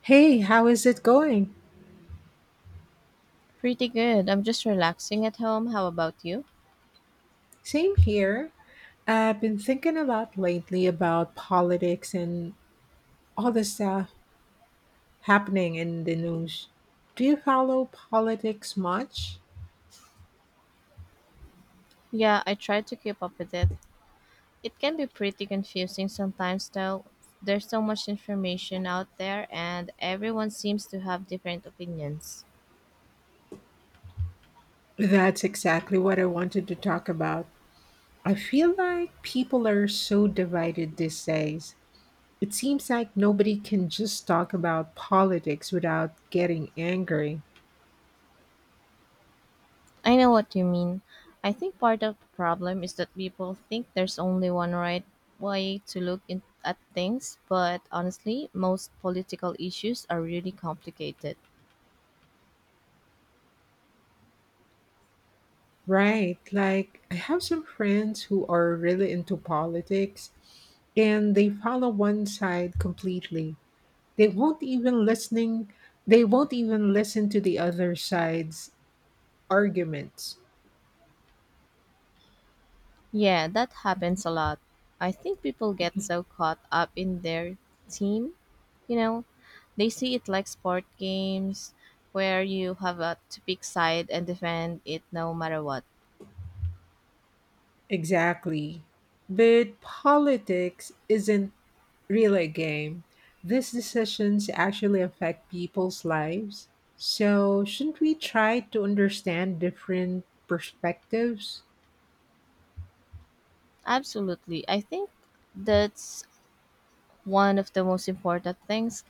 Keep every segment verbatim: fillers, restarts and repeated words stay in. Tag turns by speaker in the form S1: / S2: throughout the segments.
S1: Hey, how is it going?
S2: Pretty good. I'm just relaxing at home. How about you?
S1: Same here. I've been thinking a lot lately about politics and all the stuff happening in the news. Do you follow politics much?
S2: Yeah, I try to keep up with it. It can be pretty confusing sometimes, though. There's so much information out there, and everyone seems to have different opinions.
S1: That's exactly what I wanted to talk about. I feel like people are so divided these days. It seems like nobody can just talk about politics without getting angry.
S2: I know what you mean. I think part of the problem is that people think there's only one right way to look in- at things, but honestly, most political issues are really complicated.
S1: Right. Like, I have some friends who are really into politics and they follow one side completely. They won't even listening, they won't even listen to the other side's arguments.
S2: Yeah, that happens a lot. I think people get so caught up in their team, you know, they see it like sport games where you have a, to pick side and defend it no matter what.
S1: Exactly. But politics isn't really a game. These decisions actually affect people's lives. So, shouldn't we try to understand different perspectives?
S2: Absolutely. I think that's one of the most important things.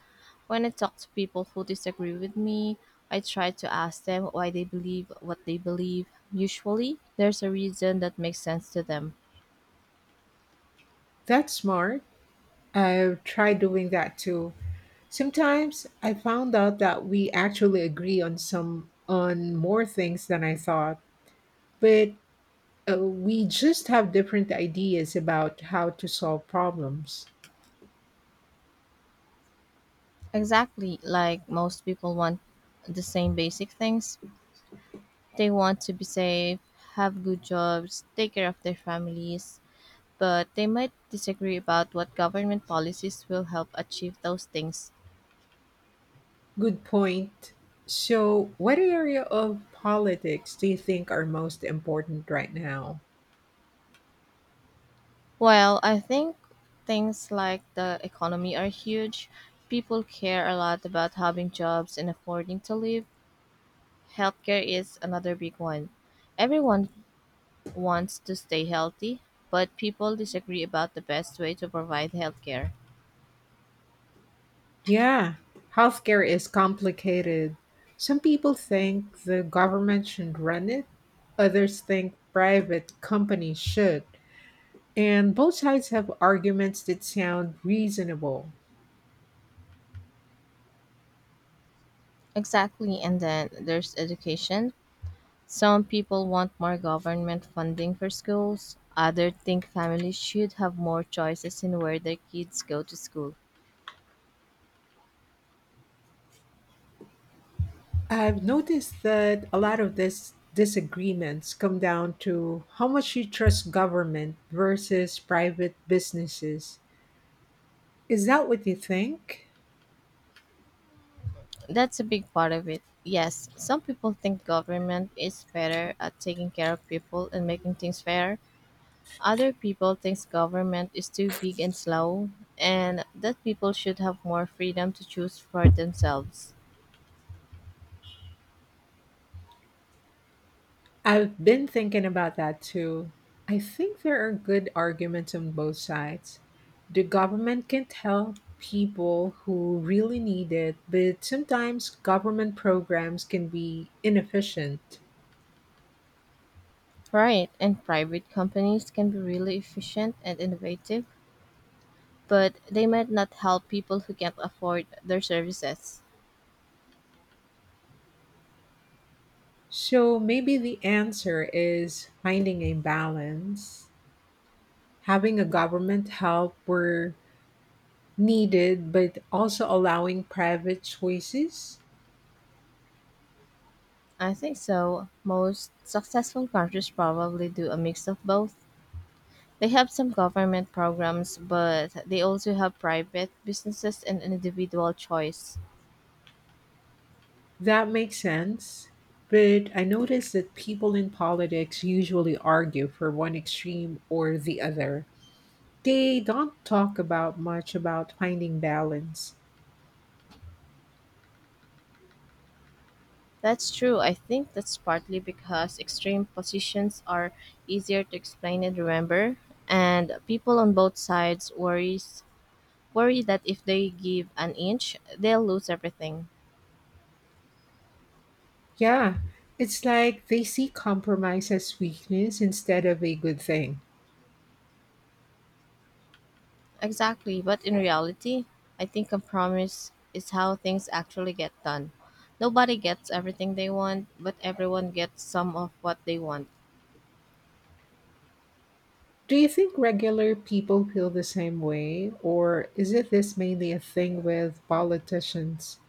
S2: When I talk to people who disagree with me, I try to ask them why they believe what they believe. Usually, there's a reason that makes sense to them.
S1: That's smart. I've tried doing that too. Sometimes I found out that we actually agree on some on more things than I thought, but uh, we just have different ideas about how to solve problems.
S2: Exactly. Like most people want the same basic things. They want to be safe, have good jobs, take care of their families, but they might disagree about what government policies will help achieve those things.
S1: Good point. So, what area of politics do you think are most important right now?
S2: Well, I think things like the economy are huge, people care a lot about having jobs and affording to live. Healthcare is another big one. Everyone wants to stay healthy, but people disagree about the best way to provide healthcare.
S1: Yeah, healthcare is complicated. Some people think the government should run it, others think private companies should. And both sides have arguments that sound reasonable.
S2: Exactly. And then there's education. Some people want more government funding for schools, others think families should have more choices in where their kids go to school.
S1: I've noticed that a lot of these disagreements come down to how much you trust government versus private businesses. Is that what you think?
S2: That's a big part of it. Yes, some people think government is better at taking care of people and making things fair. Other people think government is too big and slow and that people should have more freedom to choose for themselves.
S1: I've been thinking about that too. I think there are good arguments on both sides. The government can help people who really need it, but sometimes government programs can be inefficient.
S2: Right, and private companies can be really efficient and innovative but they might not help people who can't afford their services.
S1: So maybe the answer is finding a balance, having a government help where needed, but also allowing private choices.
S2: I think so. Most successful countries probably do a mix of both. They have some government programs, but they also have private businesses and individual choice.
S1: That makes sense. But I notice that people in politics usually argue for one extreme or the other. They don't talk about much about finding balance.
S2: That's true. I think that's partly because extreme positions are easier to explain and remember, and people on both sides worries worry that if they give an inch, they'll lose everything.
S1: Yeah, it's like they see compromise as weakness instead of a good thing.
S2: Exactly, but in reality, I think compromise is how things actually get done. Nobody gets everything they want, but everyone gets some of what they want.
S1: Do you think regular people feel the same way, or is it this mainly a thing with politicians?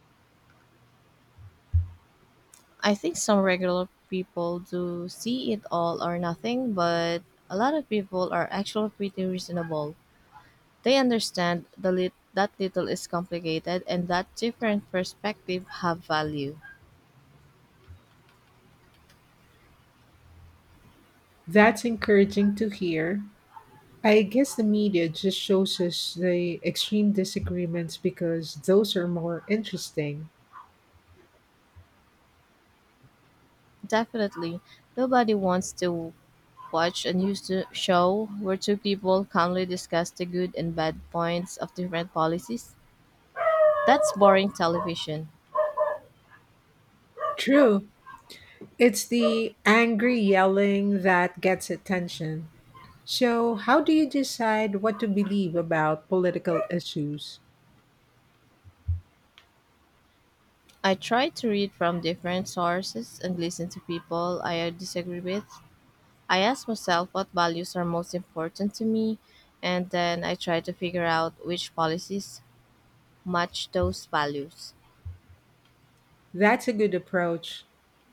S2: I think some regular people do see it all or nothing, but a lot of people are actually pretty reasonable. They understand the lit- that little is complicated and that different perspective have value.
S1: That's encouraging to hear. I guess the media just shows us the extreme disagreements because those are more interesting.
S2: Definitely, nobody wants to watched a news to- show where two people calmly discuss the good and bad points of different policies. That's boring television.
S1: True. It's the angry yelling that gets attention. So, how do you decide what to believe about political issues?
S2: I try to read from different sources and listen to people I disagree with. I ask myself what values are most important to me, and then I try to figure out which policies match those values.
S1: That's a good approach.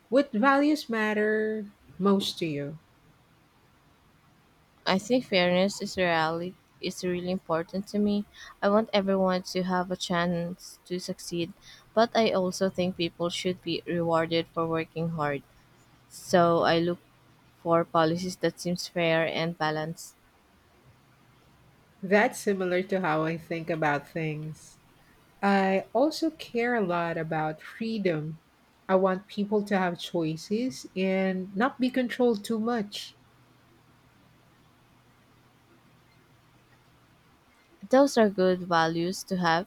S1: What values matter most to you?
S2: I think fairness is really is really important to me. I want everyone to have a chance to succeed, but I also think people should be rewarded for working hard. So I look for policies that seems fair and balanced.
S1: That's similar to how I think about things. I also care a lot about freedom. I want people to have choices and not be controlled too much.
S2: Those are good values to have,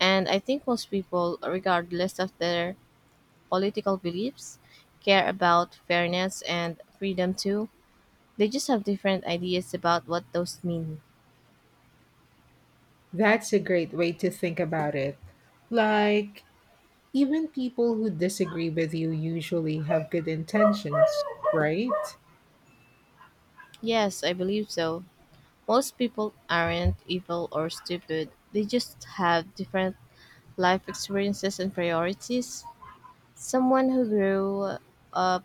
S2: and I think most people, regardless of their political beliefs, care about fairness and freedom too. They just have different ideas about what those mean.
S1: That's a great way to think about it. Like, even people who disagree with you usually have good intentions, right?
S2: Yes, I believe so. Most people aren't evil or stupid, they just have different life experiences and priorities. Someone who grew up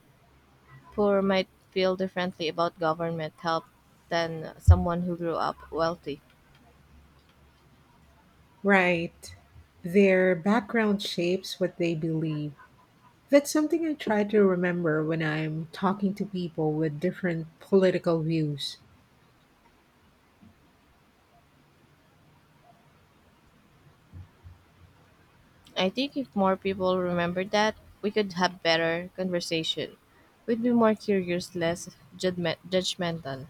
S2: poor might feel differently about government help than someone who grew up wealthy.
S1: Right. Their background shapes what they believe. That's something I try to remember when I'm talking to people with different political views.
S2: I think if more people remembered that, we could have better conversation. We'd be more curious, less judgment- judgmental.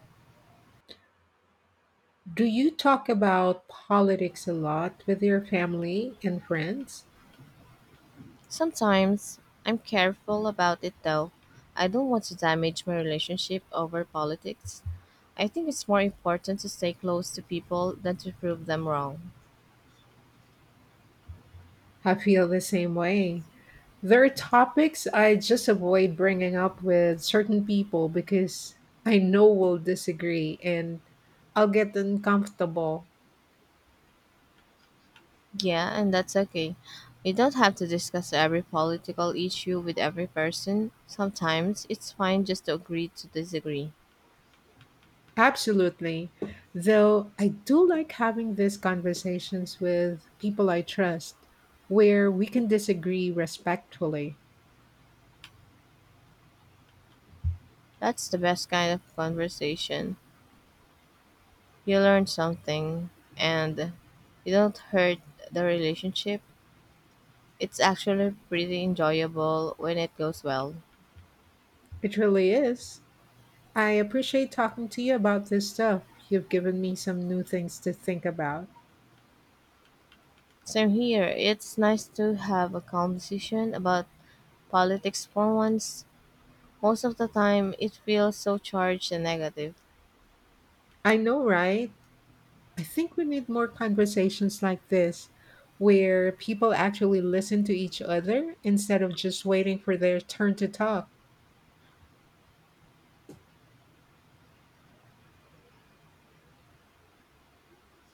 S1: Do you talk about politics a lot with your family and friends?
S2: Sometimes I'm careful about it though. I don't want to damage my relationship over politics. I think it's more important to stay close to people than to prove them wrong.
S1: I feel the same way. There are topics I just avoid bringing up with certain people because I know we'll disagree and I'll get uncomfortable.
S2: Yeah, and that's okay. You don't have to discuss every political issue with every person. Sometimes it's fine just to agree to disagree.
S1: Absolutely. Though I do like having these conversations with people I trust where we can disagree respectfully.
S2: That's the best kind of conversation. You learn something and you don't hurt the relationship. It's actually pretty enjoyable when it goes well.
S1: It really is. I appreciate talking to you about this stuff. You've given me some new things to think about.
S2: Same here. It's nice to have a conversation about politics for once. Most of the time, it feels so charged and negative.
S1: I know, right? I think we need more conversations like this where people actually listen to each other instead of just waiting for their turn to talk.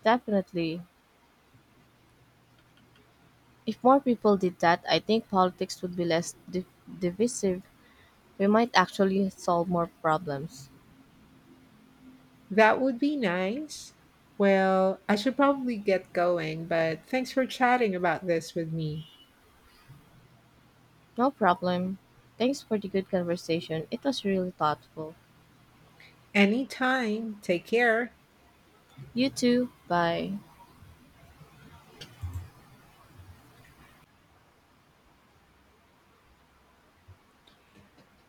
S2: Definitely. If more people did that, I think politics would be less div- divisive. We might actually solve more problems.
S1: That would be nice. Well, I should probably get going, but thanks for chatting about this with me.
S2: No problem. Thanks for the good conversation. It was really thoughtful.
S1: Anytime. Take care.
S2: You too. Bye.